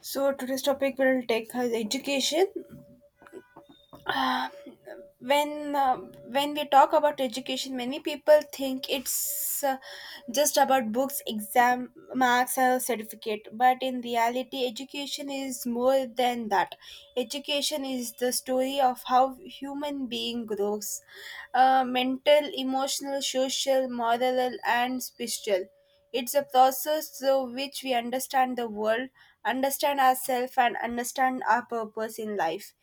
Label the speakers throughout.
Speaker 1: So today's topic will take as education. Uh, when when we talk about education, many people think it's just about books, exam marks, or certificate, but in reality education is more than that. Education is the story of how human being grows, mental, emotional, social, moral, and spiritual. It's a process through which we understand the world, understand ourselves, and understand our purpose in life.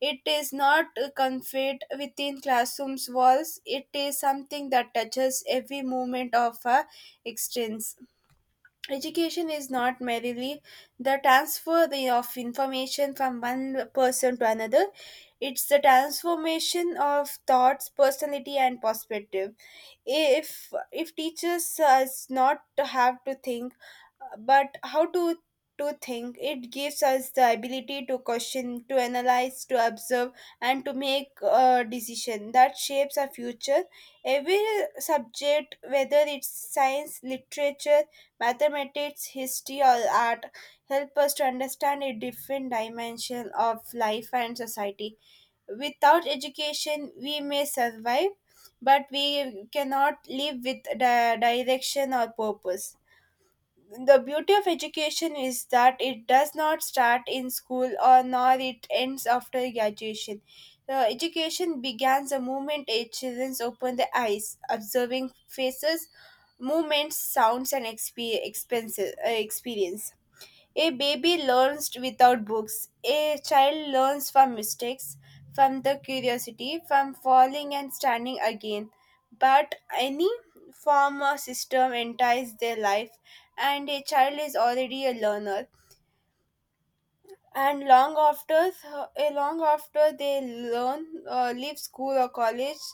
Speaker 1: It is not confined within classrooms walls. It is something that touches every moment of our existence. Education is not merely the transfer of information from one person to another. It's the transformation of thoughts, personality, and perspective. If teachers us not to have to think, but how to think, it gives us the ability to question, to analyze, to observe, and to make a decision that shapes our future. Every subject, whether it's science, literature, mathematics, history, or art, help us to understand a different dimension of life and society. Without education we may survive, but we cannot live with the direction or purpose. The beauty of education is that it does not start in school or nor it ends after graduation. The education begins the moment a children open their eyes, observing faces, movements, sounds, and expenses, experiences. A baby learns without books. A child learns from mistakes, from the curiosity, from falling and standing again. But any form or system enters their life, and a child is already a learner, and long after long after they learn leave school or college,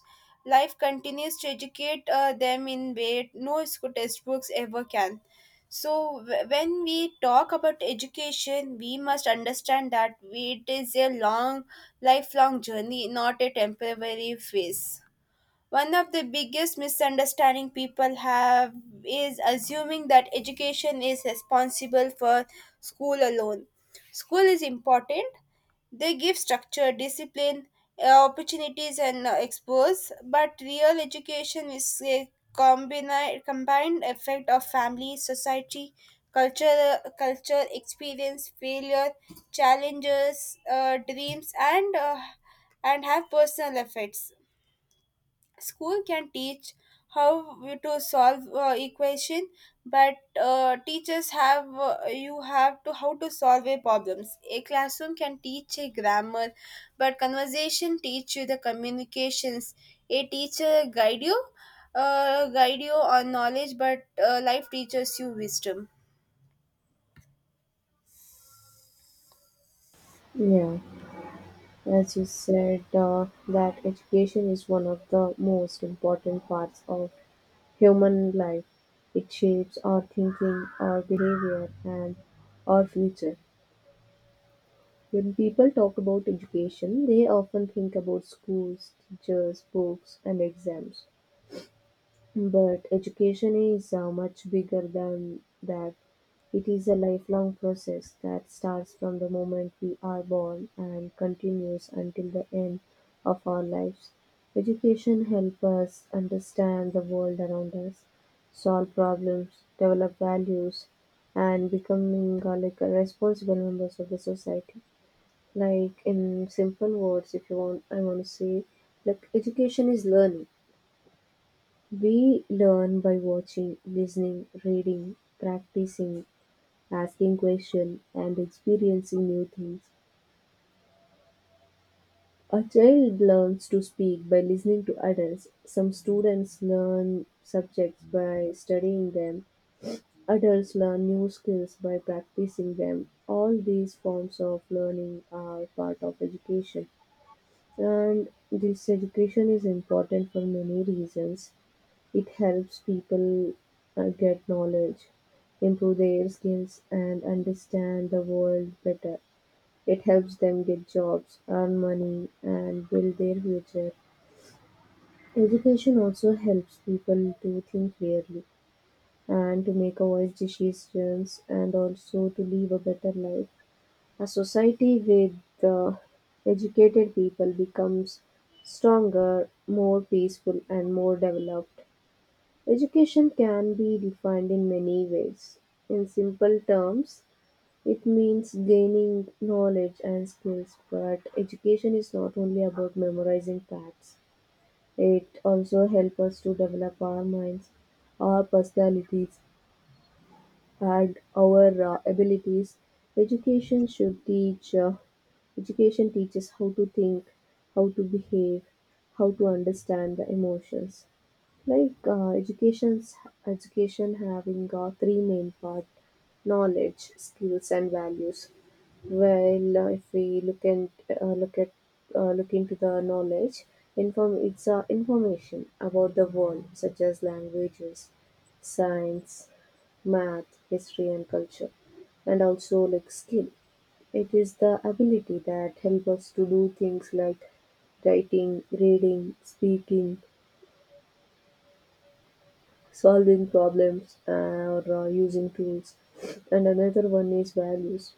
Speaker 1: life continues to educate them in way no school textbooks ever can. So when we talk about education we must understand that it is a long lifelong journey, not a temporary phase. One of the biggest misunderstanding people have is assuming that education is responsible for school alone. School is important. They give structure, discipline, opportunities, and expose, but real education is a combined effect of family, society, culture, culture experience, failure, challenges, dreams, and have personal effects. School can teach how you to solve equation, but teachers have you have to how to solve a problems. A classroom can teach a grammar, but conversation teach you the communications. A teacher guide you, guide you on knowledge, but life teaches you wisdom.
Speaker 2: Yeah, as you said, that education is one of the most important parts of human life. It shapes our thinking, our behavior, and our future. When people talk about education, they often think about schools, teachers, books, and exams. But education is much bigger than that. It is a lifelong process that starts from the moment we are born and continues until the end of our lives. Education helps us understand the world around us, solve problems, develop values, and becoming like responsible members of the society. Like in simple words, if you want, I want to say, like education is learning. We learn by watching, listening, reading, practicing, asking questions, and experiencing new things. A child learns to speak by listening to adults. Some students learn subjects by studying them. Adults learn new skills by practicing them. All these forms of learning are part of education. And this education is important for many reasons. It helps people get knowledge, improve their skills, and understand the world better. It helps them get jobs, earn money, and build their future. Education also helps people to think clearly and to make wise decisions and also to live a better life. A society with educated people becomes stronger, more peaceful, and more developed. Education can be defined in many ways. In simple terms, it means gaining knowledge and skills, but education is not only about memorizing facts. It also helps us to develop our minds, our personalities, and our abilities. Education should teach uh, Education teaches how to think, how to behave, how to understand the emotions. Like uh, education's Education having three main part: knowledge, skills, and values. Well, if we look and look at look into the knowledge. Inform It's information about the world, such as languages, science, math, history, and culture. And also like skill, it is the ability that help us to do things like writing, reading, speaking, solving problems, or using tools. And another one is values,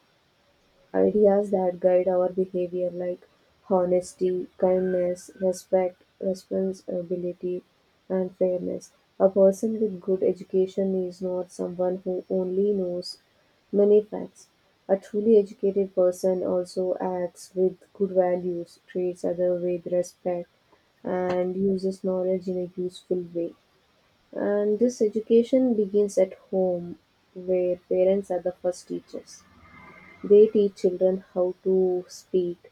Speaker 2: ideas that guide our behavior like honesty, kindness, respect, responsibility, and fairness. A person with good education is not someone who only knows many facts. A truly educated person also acts with good values, treats others with respect, and uses knowledge in a useful way. And this education begins at home, where parents are the first teachers. They teach children how to speak,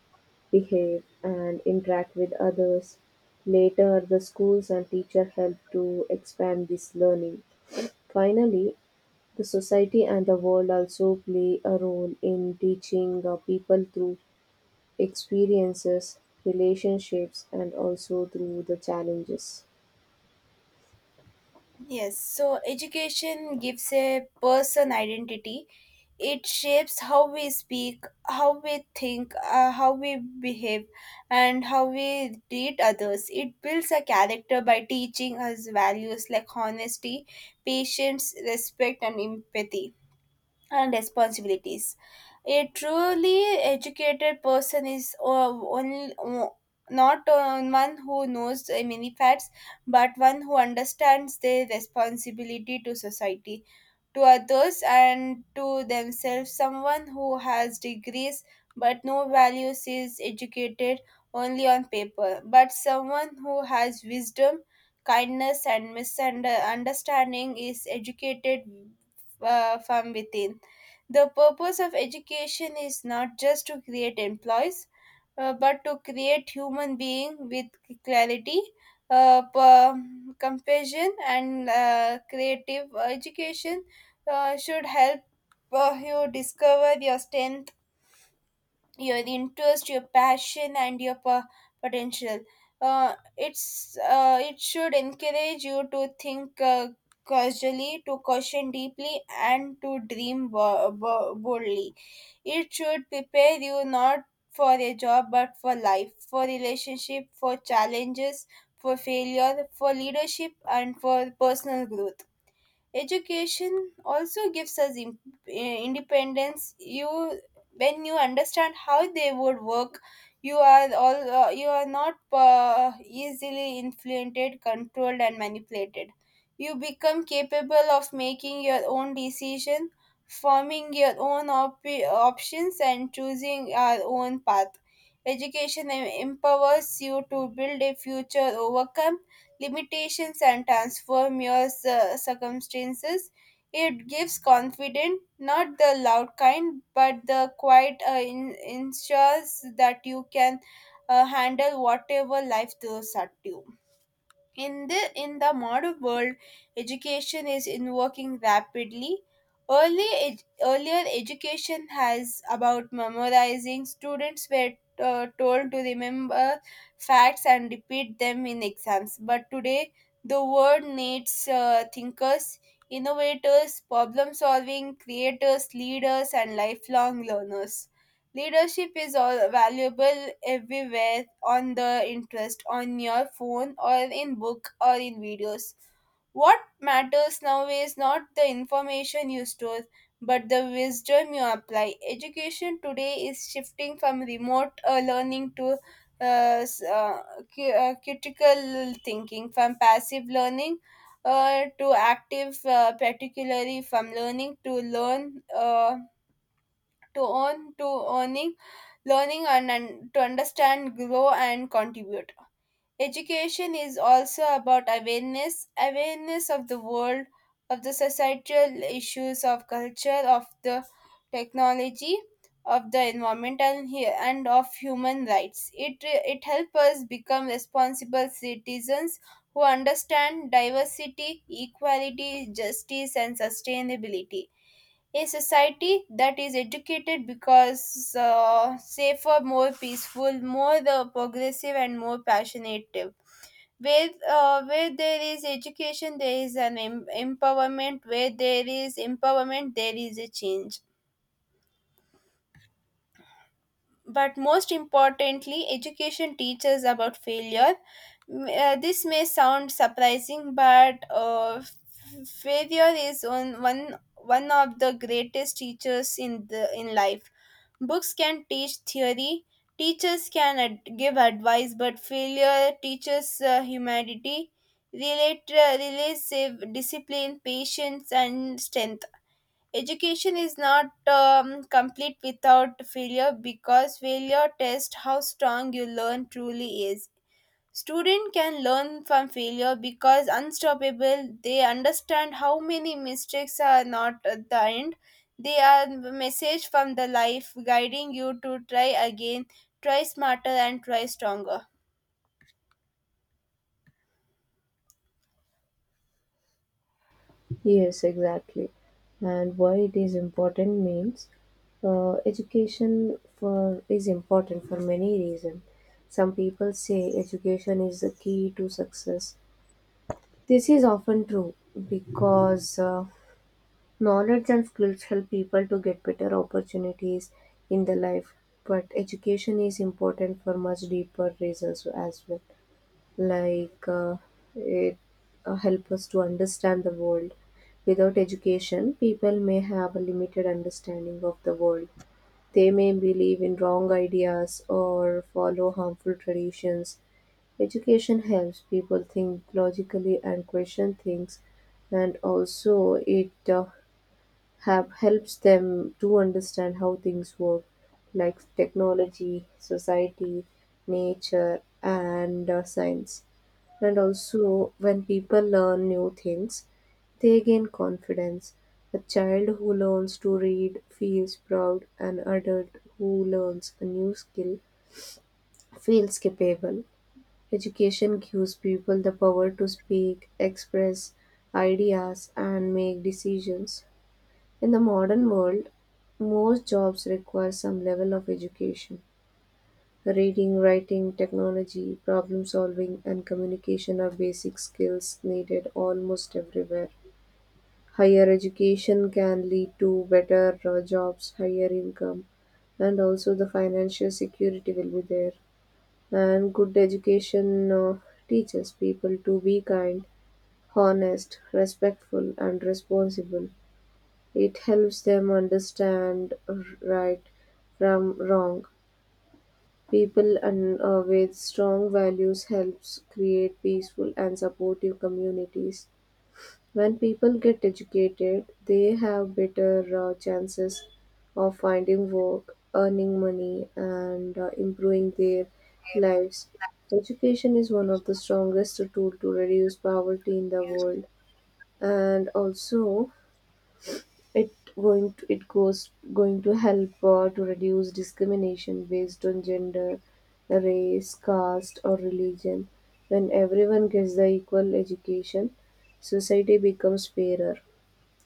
Speaker 2: behave, and interact with others. Later, the schools and teacher help to expand this learning. Finally, the society and the world also play a role in teaching people through experiences, relationships, and also through the challenges.
Speaker 1: Yes, so education gives a person identity. It shapes how we speak, how we think, how we behave, and how we treat others. It builds a character by teaching us values like honesty, patience, respect, and empathy. And responsibilities. A truly educated person is only, o- not one who knows many facts, but one who understands their responsibility to society, to others, and to themselves. Someone who has degrees but no values is educated only on paper, but someone who has wisdom, kindness, and misunderstanding is educated from within. The purpose of education is not just to create employees, but to create human being with clarity, compassion, and creative education should help you discover your strength, your interest, your passion, and your potential. Uh, it's it should encourage you to think casually, to question deeply, and to dream boldly. It should prepare you not for a job but for life, for relationship, for challenges, for failure, for leadership, and for personal growth. Education also gives us independence. When you understand how they would work, you are all you are not easily influenced, controlled, and manipulated. You become capable of making your own decision, forming your own options, and choosing your own path. Education empowers you to build a future, overcome limitations, and transform your circumstances. It gives confidence, not the loud kind, but the quiet ensures that you can handle whatever life throws at you. In the modern world, education is in rapidly. Earlier education has about memorizing. Students were told to remember facts and repeat them in exams. But today, the world needs thinkers, innovators, problem solving creators, leaders, and lifelong learners. Leadership is all valuable everywhere on the interest, on your phone, or in book, or in videos. What matters now is not the information you store, but the wisdom you apply. Education today is shifting from remote learning to s- uh, critical thinking, from passive learning to active, particularly from learning to learn, to own to earning, learning, and to understand, grow, and contribute. Education is also about awareness, awareness of the world, of the societal issues, of culture, of the technology, of the environment, and of human rights. It helps us become responsible citizens who understand diversity, equality, justice, and sustainability. A society that is educated because safer, more peaceful, more progressive, and more passionate. Where there is education, there is an empowerment. Where there is empowerment, there is a change. But most importantly, education teaches about failure. This may sound surprising, but failure is on one one of the greatest teachers in the in life. Books can teach theory, teachers can give advice, but failure teaches humanity, relative discipline, patience, and strength. Education is not complete without failure because failure tests how strong you learn truly is. Student can learn from failure because unstoppable they understand how many mistakes are not at the end. They are the message from the life guiding you to try again, try smarter, and try stronger.
Speaker 2: Yes, exactly. And why it is important means education for is important for many reasons. Some people say education is the key to success. This is often true because knowledge and skills help people to get better opportunities in the life. But education is important for much deeper reasons as well, like it help us to understand the world. Without education, people may have a limited understanding of the world. They may believe in wrong ideas or follow harmful traditions. Education helps people think logically and question things, and also it have helps them to understand how things work, like technology, society, nature, and science. And also, when people learn new things, they gain confidence. A child who learns to read feels proud. An adult who learns a new skill feels capable. Education gives people the power to speak, express ideas, and make decisions. In the modern world, most jobs require some level of education. Reading, writing, technology, problem solving, and communication are basic skills needed almost everywhere. Higher education can lead to better jobs, higher income, and also the financial security will be there. And good education teaches people to be kind, honest, respectful, and responsible. It helps them understand right from wrong. People and with strong values helps create peaceful and supportive communities. When people get educated, they have better chances of finding work, earning money, and improving their lives. Education is one of the strongest tool to reduce poverty in the world, and also it it goes going to help to reduce discrimination based on gender, race, caste, or religion. When everyone gets the equal education, society becomes fairer.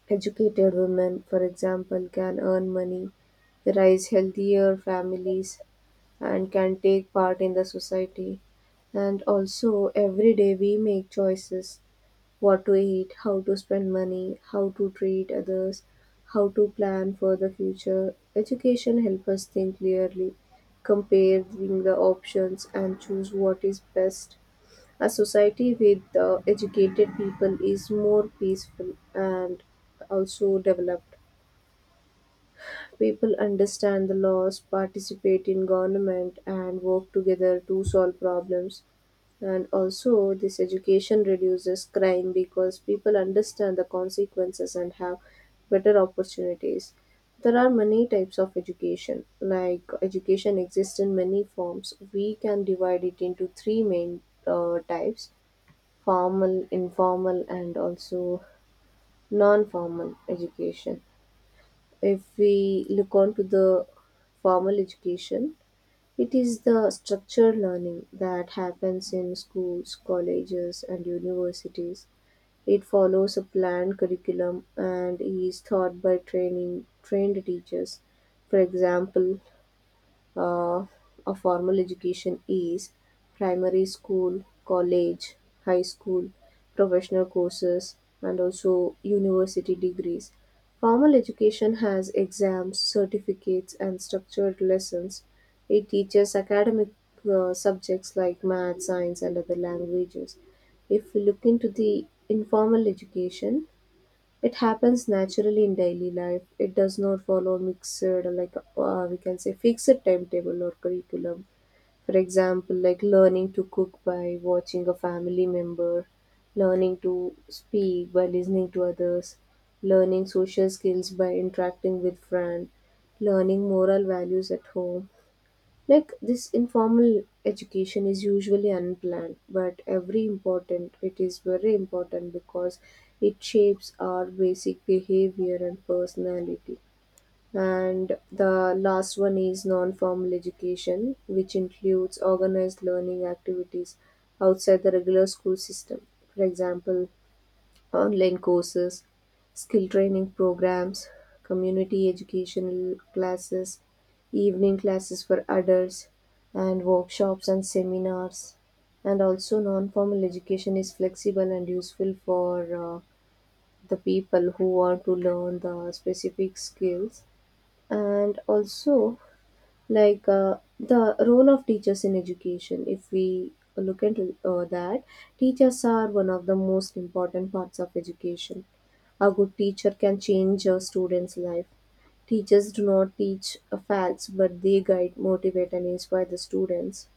Speaker 2: Educated women, for example, can earn money, raise healthier families, and can take part in the society. And also, every day we make choices: what to eat, how to spend money, how to treat others, how to plan for the future. Education helps us think clearly, comparing the options and choose what is best. A society with educated people is more peaceful and also developed. People understand the laws, participate in government, and work together to solve problems. And also, this education reduces crime because people understand the consequences and have better opportunities. There are many types of education. Like education exists in many forms. We can divide it into three main types: formal, informal, and also non-formal education. If we look on to the formal education, it is the structured learning that happens in schools, colleges, and universities. It follows a planned curriculum and is taught by training trained teachers. For example, uh, a formal education is primary school, college, high school, professional courses, and also university degrees. Formal education has exams, certificates, and structured lessons. It teaches academic subjects like math, science, and other languages. If we look into the informal education, it happens naturally in daily life. It does not follow mixed, like we can say, fixed timetable or curriculum. For example, like learning to cook by watching a family member, learning to speak by listening to others, learning social skills by interacting with friends, learning moral values at home. Like this informal education is usually unplanned, but every important it is very important because it shapes our basic behavior and personality. And the last one is non-formal education, which includes organized learning activities outside the regular school system. For example, online courses, skill training programs, community educational classes, evening classes for adults, and workshops and seminars. And also, non formal education is flexible and useful for uh, the people who want to learn the specific skills. And also, like the role of teachers in education, if we look into that, teachers are one of the most important parts of education. A good teacher can change a student's life. Teachers do not teach facts, but they guide, motivate, and inspire the students,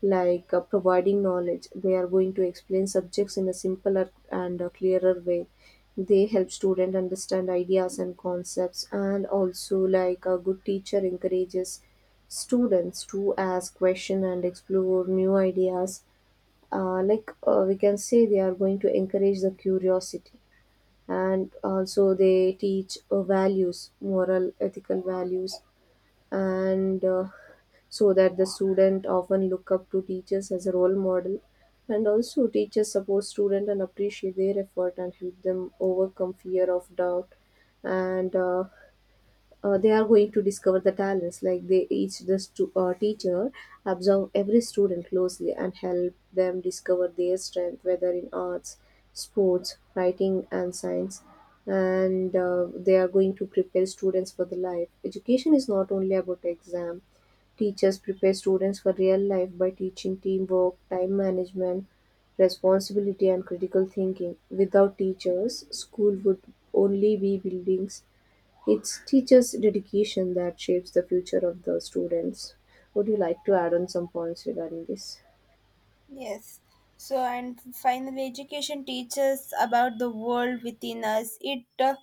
Speaker 2: like providing knowledge. They are going to explain subjects in a simpler and a clearer way. They help student understand ideas and concepts, and also like a good teacher encourages students to ask question and explore new ideas. Like we can say, they are going to encourage the curiosity, and also they teach values, moral, ethical values, and so that the student often look up to teachers as a role model. And also, teachers support student and appreciate their effort and help them overcome fear of doubt, and they are going to discover the talents. Like they each the stu- teacher observe every student closely and help them discover their strength, whether in arts, sports, writing, and science. And they are going to prepare students for the life. Education is not only about exam. Teachers prepare students for real life by teaching teamwork, time management, responsibility, and critical thinking. Without teachers, school would only be buildings. It's teachers' dedication that shapes the future of the students. Would you like to add on some points regarding this?
Speaker 1: Yes. So, and finally, education teaches about the world within us.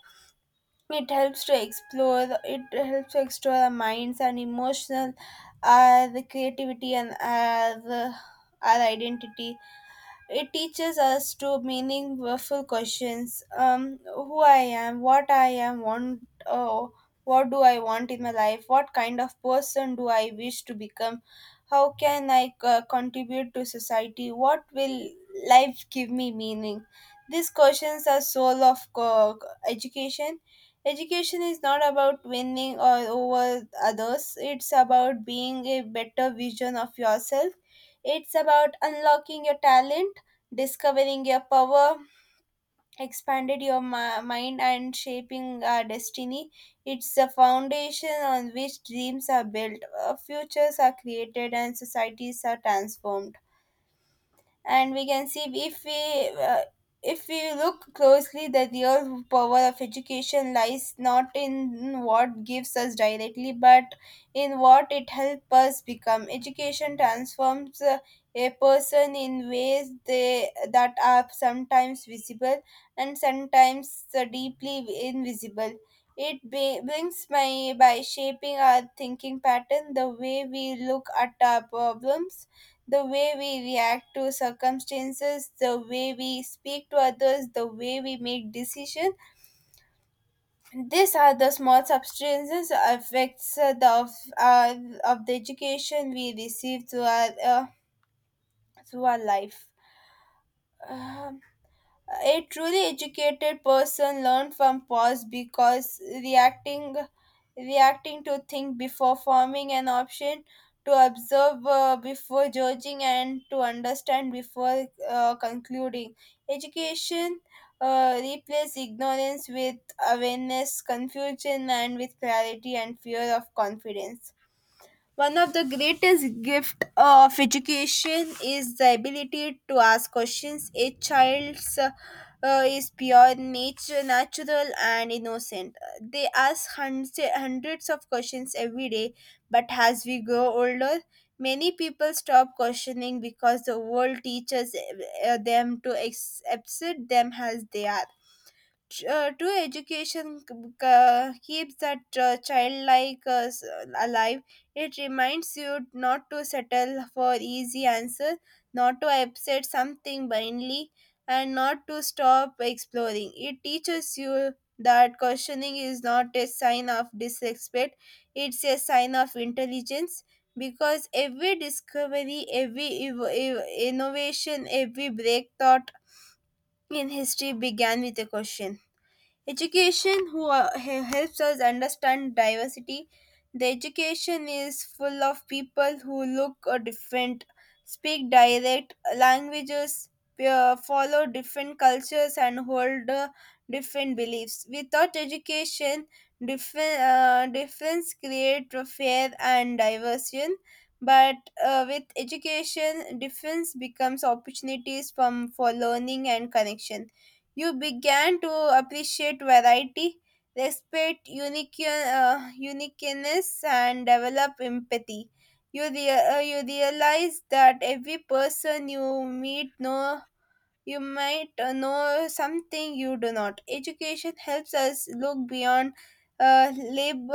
Speaker 1: It helps to explore. It helps to explore our minds and emotional, our the creativity, and our identity. It teaches us to meaningful questions: who I am, what do I want in my life, what kind of person do I wish to become, how can I contribute to society, what will life give me meaning. These questions are soul of education. Education is not about winning or over others. It's about being a better vision of yourself. It's about unlocking your talent, discovering your power, expanded your mind, and shaping our destiny. It's the foundation on which dreams are built, futures are created, and societies are transformed. And we can see, if we look closely, the real power of education lies not in what gives us directly, but in what it helps us become. Education transforms a person in ways they that are sometimes visible and sometimes deeply invisible. It brings my by shaping our thinking pattern, the way we look at our problems, the way we react to circumstances, the way we speak to others, the way we make decisions. These are the small substances affects uh, of the education we receive through our life. Um, A truly educated person learns from pause because reacting to think before forming an option, to observe before judging, and to understand before concluding. Education replaces ignorance with awareness, confusion, and with clarity and fear of confidence. One of the greatest gift of education is the ability to ask questions. A child's Is pure nature, natural, and innocent. They ask hundreds, hundreds of questions every day, but as we grow older, many people stop questioning because the world teaches them to accept them as they are. True education keeps that childlike alive. It reminds you not to settle for easy answers, not to accept something blindly, and not to stop exploring. It teaches you that questioning is not a sign of disrespect, it's a sign of intelligence. Because every discovery, every innovation, every breakthrough in history began with a question. Education helps us understand diversity. The education is full of people who look different, speak direct languages, follow different cultures, and hold different beliefs. Without education, different difference create a fair and diversion. But with education, difference becomes opportunities from for learning and connection. You began to appreciate variety, respect uniqueness, and develop empathy. You realize that every person you meet know you might know something you do not. Education helps us look beyond uh, lab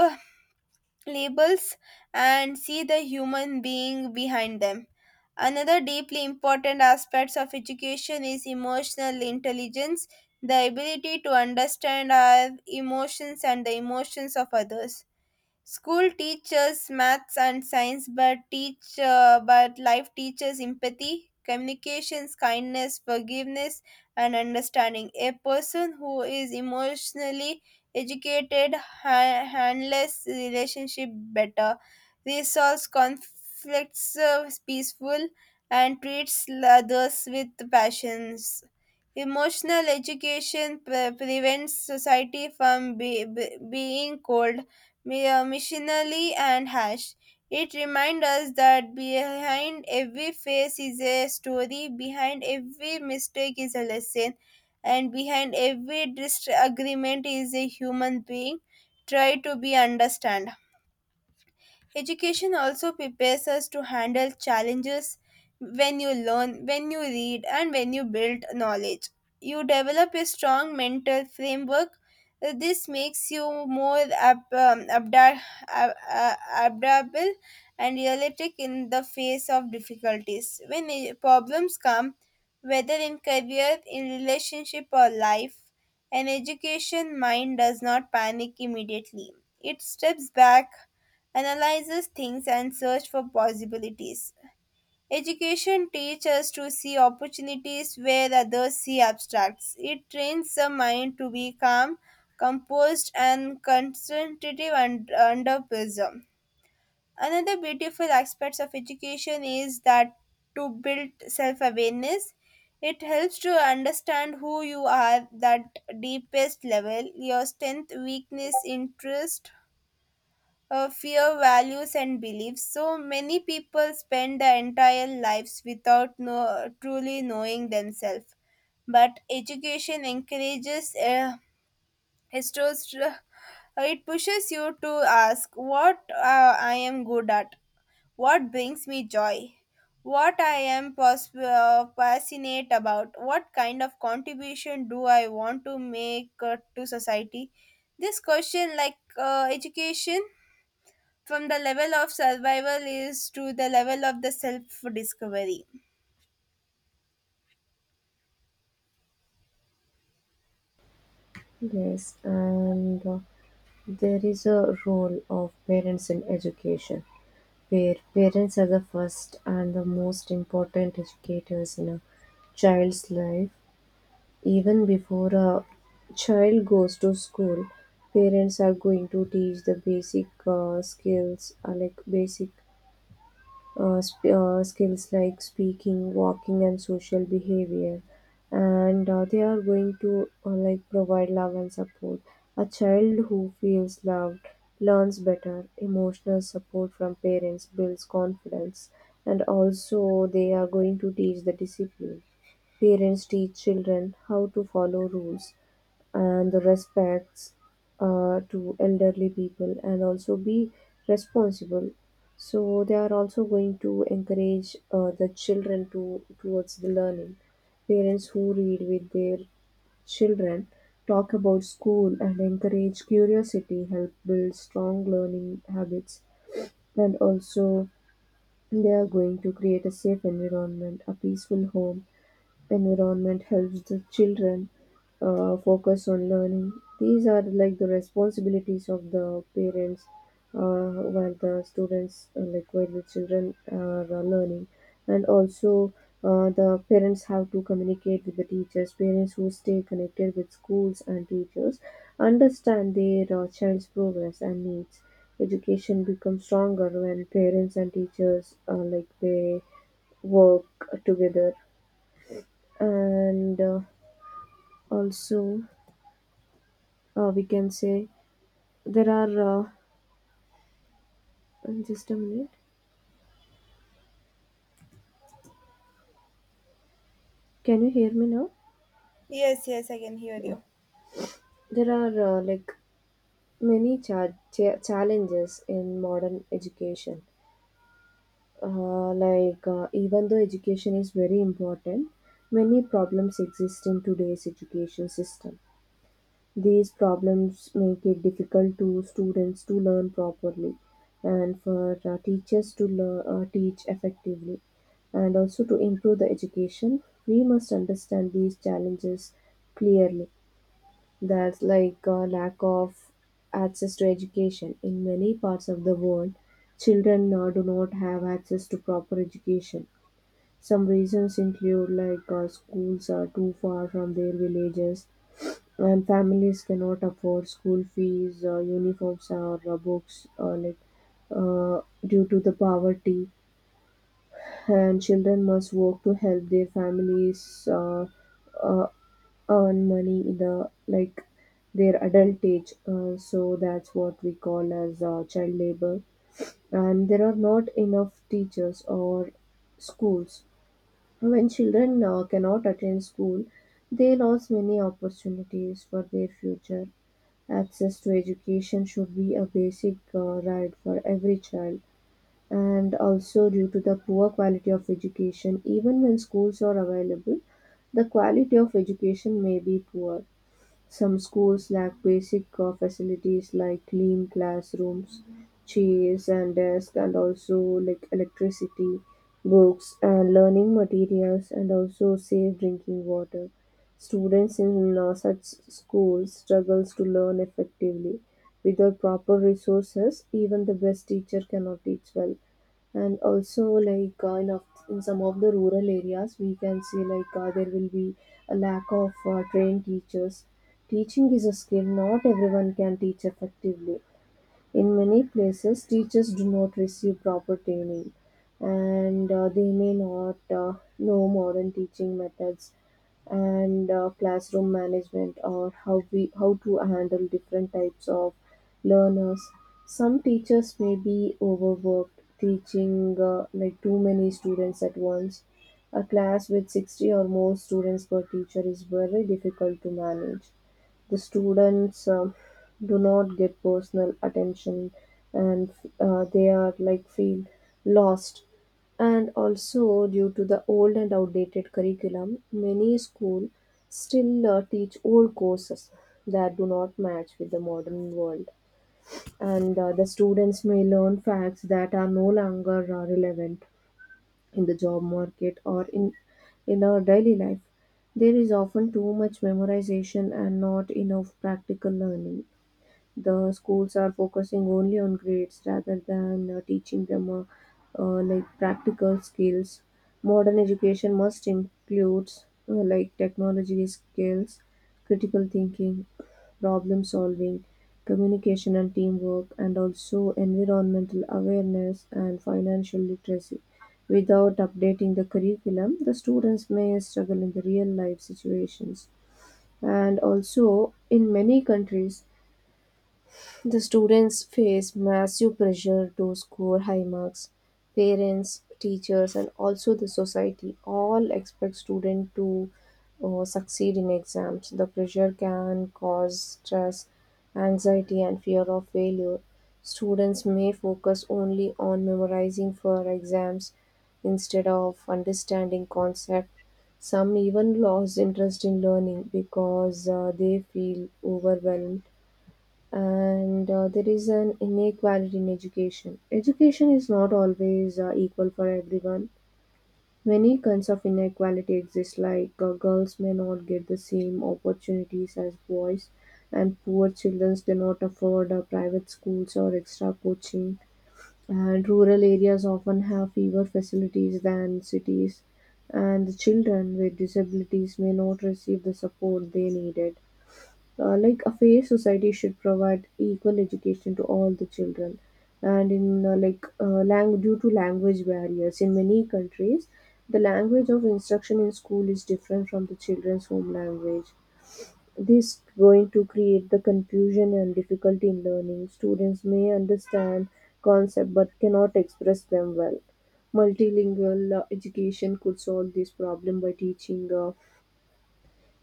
Speaker 1: labels and see the human being behind them. Another deeply important aspect of education is emotional intelligence, the ability to understand our emotions and the emotions of others. School teaches maths and science, but teach but life teaches empathy, communications, kindness, forgiveness, and understanding. A person who is emotionally educated handles relationship better, resolves conflicts peaceful, and treats others with passions. Emotional education prevents society from being cold missionary and hash. It reminds us that behind every face is a story, behind every mistake is a lesson, and behind every disagreement is a human being. Try to be understand. Education also prepares us to handle challenges when you learn, when you read, and when you build knowledge. You develop a strong mental framework. This makes you more ab- uh, adaptable and realistic in the face of difficulties. When problems come, whether in career, in relationship, or life, an education mind does not panic immediately. It steps back, analyzes things, and search for possibilities. Education teaches us to see opportunities where others see abstracts. It trains the mind to be calm, composed, and concentrative under pressure. Another beautiful aspect of education is that to build self awareness. It helps to understand who you are that deepest level, your strength, weakness, interest, fear, values, and beliefs. So many people spend their entire lives without know, truly knowing themselves. But education encourages history. It pushes you to ask what I am good at, what brings me joy, what I am passionate about, what kind of contribution do I want to make to society. This question, like education, from the level of survival is to the level of the self discovery.
Speaker 2: Yes, and there is a role of parents in education, where parents are the first and the most important educators in a child's life. Even before a child goes to school, parents are going to teach the basic skills, like basic skills like speaking, walking, and social behavior. And they are going to like provide love and support. A child who feels loved learns better. Emotional support from parents builds confidence, and also they are going to teach the discipline. Parents teach children how to follow rules and the respects to elderly people and also be responsible. So they are also going to encourage the children to towards the learning. Parents who read with their children, talk about school, and encourage curiosity, help build strong learning habits. And also, they are going to create a safe environment. A peaceful home environment helps the children focus on learning. These are like the responsibilities of the parents while the students, like while the children are learning. And also, the parents have to communicate with the teachers. Parents who stay connected with schools and teachers understand their child's progress and needs. Education becomes stronger when parents and teachers like they work together and also we can say there are just a minute, can you hear me now?
Speaker 1: Yes, yes, I can hear
Speaker 2: Yeah.
Speaker 1: you.
Speaker 2: There are many challenges in modern education. Even though education is very important, many problems exist in today's education system. These problems make it difficult to students to learn properly and for teachers to teach effectively. And also to improve the education, we must understand these challenges clearly. That's lack of access to education. In many parts of the world, children do not have access to proper education. Some reasons include schools are too far from their villages and families cannot afford school fees, uniforms, or books, due to the poverty, and children must work to help their families uh, earn money in their adult age. So that's what we call as child labor, and there are not enough teachers or schools. When children cannot attend school, they lose many opportunities for their future. Access to education should be a basic right for every child, and also due to the poor quality of education, even when schools are available, the quality of education may be poor. Some schools lack basic facilities like clean classrooms, chairs and desks, and also like electricity, books and learning materials, and also safe drinking water. Students in such schools struggles to learn effectively. Without proper resources, even the best teacher cannot teach well. And also in some of the rural areas we can see there will be a lack of trained teachers. Teaching is a skill, not everyone can teach effectively. In many places teachers do not receive proper training, and they may not know modern teaching methods and classroom management, or how to handle different types of learners. Some teachers may be overworked, teaching too many students at once. A class with 60 or more students per teacher is very difficult to manage. The students do not get personal attention and they are like feel lost. And also, due to the old and outdated curriculum, many schools still teach old courses that do not match with the modern world. And the students may learn facts that are no longer relevant in the job market or in our daily life. There is often too much memorization and not enough practical learning. The schools are focusing only on grades rather than teaching them practical skills. Modern education must include technology skills, critical thinking, problem solving, communication and teamwork, and also environmental awareness and financial literacy. Without updating the curriculum the students may struggle in the real life situations. And also in many countries the students face massive pressure to score high marks. Parents, teachers, and also the society all expect students to succeed in exams. The pressure can cause stress, anxiety, and fear of failure. Students may focus only on memorizing for exams instead of understanding concepts. Some even lose interest in learning because they feel overwhelmed. And there is an inequality in education. Education is not always equal for everyone. Many kinds of inequality exist, girls may not get the same opportunities as boys, and poor children do not afford private schools or extra coaching. And rural areas often have fewer facilities than cities, and the children with disabilities may not receive the support they needed. A fair society should provide equal education to all the children. And due to language barriers in many countries, the language of instruction in school is different from the children's home language. This going to create the confusion and difficulty in learning. Students may understand concept but cannot express them well. Multilingual education could solve this problem by teaching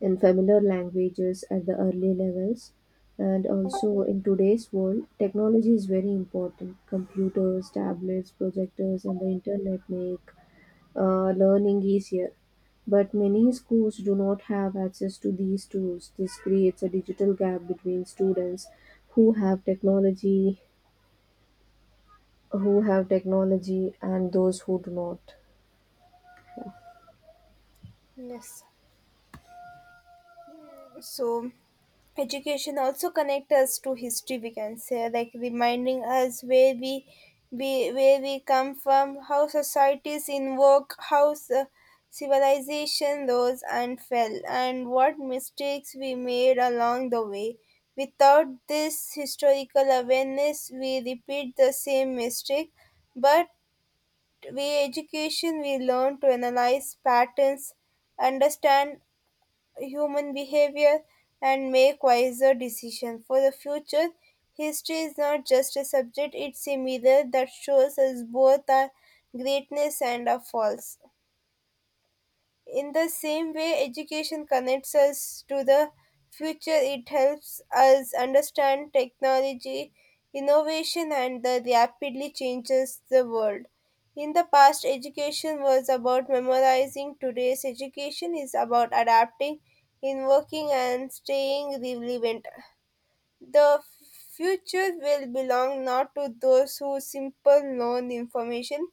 Speaker 2: in familiar languages at the early levels. And also in today's world, technology is very important. Computers, tablets, projectors, and the internet make learning easier. But many schools do not have access to these tools. This creates a digital gap between students who have technology, who have technology, and those who do not.
Speaker 1: Yes. So education also connect us to history, we can say, like reminding us where we come from, how societies in work, how civilization rose and fell, and what mistakes we made along the way. Without this historical awareness we repeat the same mistake. But we education, we learn to analyze patterns, understand human behavior, and make wiser decisions for the future. History is not just a subject, it's a mirror that shows us both our greatness and our faults. In the same way education connects us to the future, it helps us understand technology, innovation, and the rapidly changes the world. In the past, education was about memorizing. Today's education is about adapting, in working, and staying relevant. The future will belong not to those who simply learn information,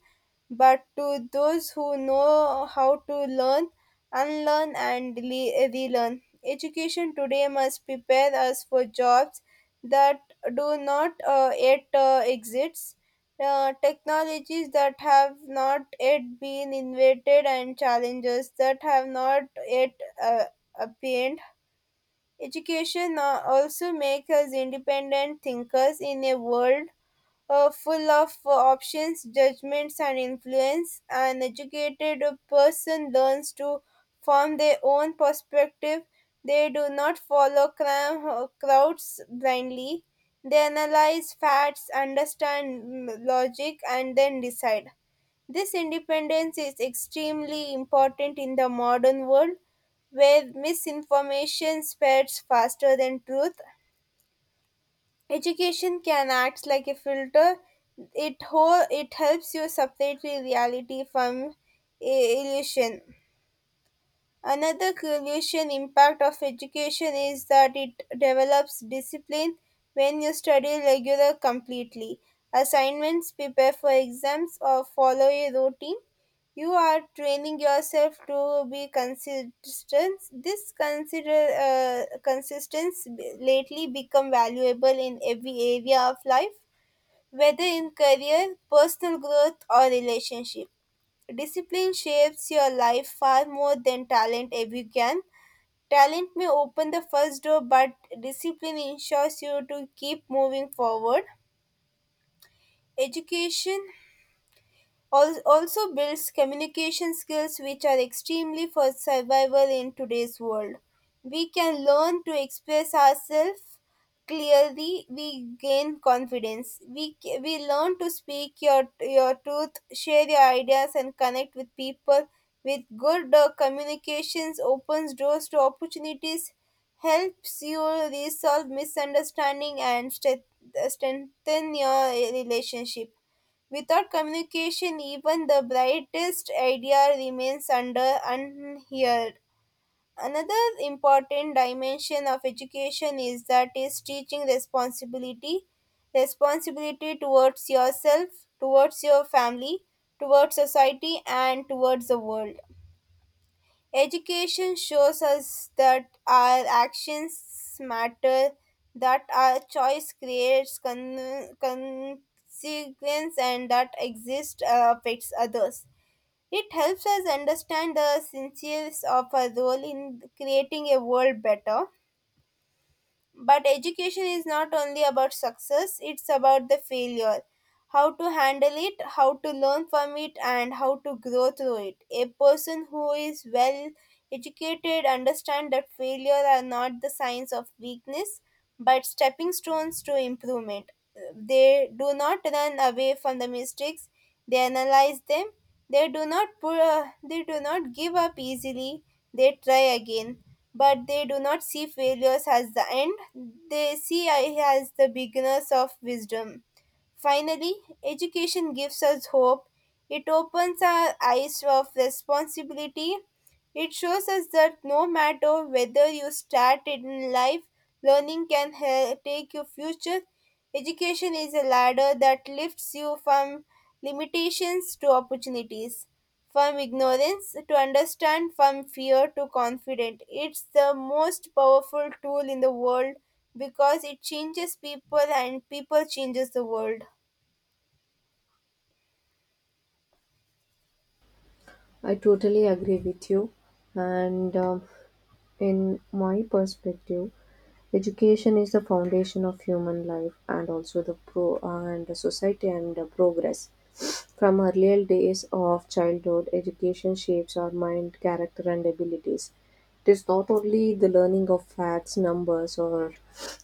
Speaker 1: but to those who know how to learn, unlearn, and relearn. Education today must prepare us for jobs that do not yet exist, technologies that have not yet been invented, and challenges that have not yet appeared. Education also makes us independent thinkers in a world full of options, judgments, and influence. An educated person learns to form their own perspective. They do not follow crowds blindly. They analyze facts, understand logic, and then decide. This independence is extremely important in the modern world where misinformation spreads faster than truth. Education can act like a filter. It helps you separate reality from illusion. Another crucial impact of education is that it develops discipline when you study regular completely. Assignments, prepare for exams, or follow a routine. You are training yourself to be consistent. This consider consistency lately become valuable in every area of life, whether in career, personal growth, or relationship. Discipline shapes your life far more than talent ever can. Talent may open the first door, but discipline ensures you to keep moving forward. Education also builds communication skills which are extremely for survival in today's world. We can learn to express ourselves clearly, we gain confidence. We learn to speak your truth, share your ideas, and connect with people. With good communications, opens doors to opportunities, helps you resolve misunderstanding, and strengthen your relationship. Without communication, even the brightest idea remains under unheard. Another important dimension of education is that is teaching responsibility, responsibility towards yourself, towards your family, towards society, and towards the world. Education shows us that our actions matter, that our choice creates consequence, and that exist affects others. It helps us understand the sincere of our role in creating a world better. But education is not only about success, it's about the failure. How to handle it, how to learn from it, and how to grow through it. A person who is well educated understands that failure are not the signs of weakness but stepping stones to improvement. They do not run away from the mistakes; they analyze them. They do not give up easily. They try again, but they do not see failures as the end. They see it as the beginners of wisdom. Finally, education gives us hope. It opens our eyes of responsibility. It shows us that no matter whether you start in life, learning can take your future. Education is a ladder that lifts you from limitations to opportunities, from ignorance to understand, from fear to confidence. It's the most powerful tool in the world because it changes people and people changes the world.
Speaker 2: I totally agree with you, and in my perspective, education is the foundation of human life and also the society and the progress. From earlier days of childhood, education shapes our mind, character, and abilities. It is not only the learning of facts, numbers, or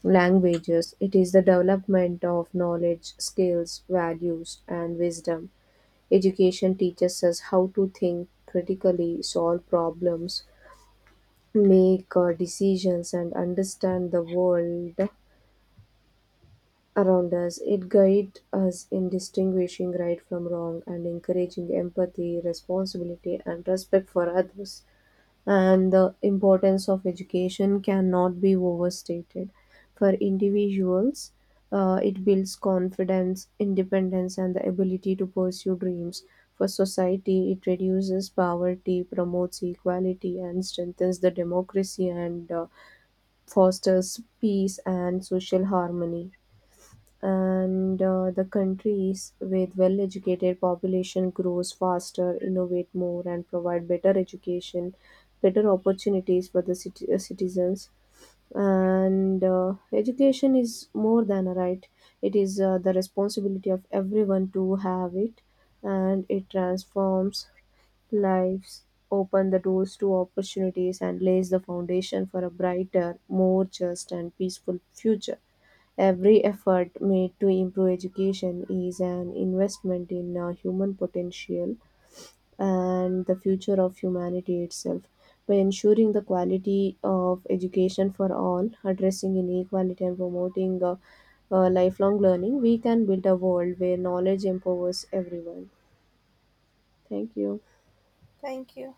Speaker 2: languages, it is the development of knowledge, skills, values, and wisdom. Education teaches us how to think critically, solve problems, make decisions, and understand the world around us. It guides us in distinguishing right from wrong and encouraging empathy, responsibility, and respect for others. And the importance of education cannot be overstated. For individuals, it builds confidence, independence, and the ability to pursue dreams. For society, it reduces poverty, promotes equality, and strengthens the democracy, and fosters peace and social harmony. And the countries with well educated population grows faster, innovate more, and provide better opportunities for the citizens. And education is more than a right, it is the responsibility of everyone to have it, and it transforms lives, open the doors to opportunities, and lays the foundation for a brighter, more just and peaceful future. Every effort made to improve education is an investment in human potential and the future of humanity itself. By ensuring the quality of education for all, addressing inequality, and promoting lifelong learning, we can build a world where knowledge empowers everyone. Thank you.
Speaker 1: Thank you.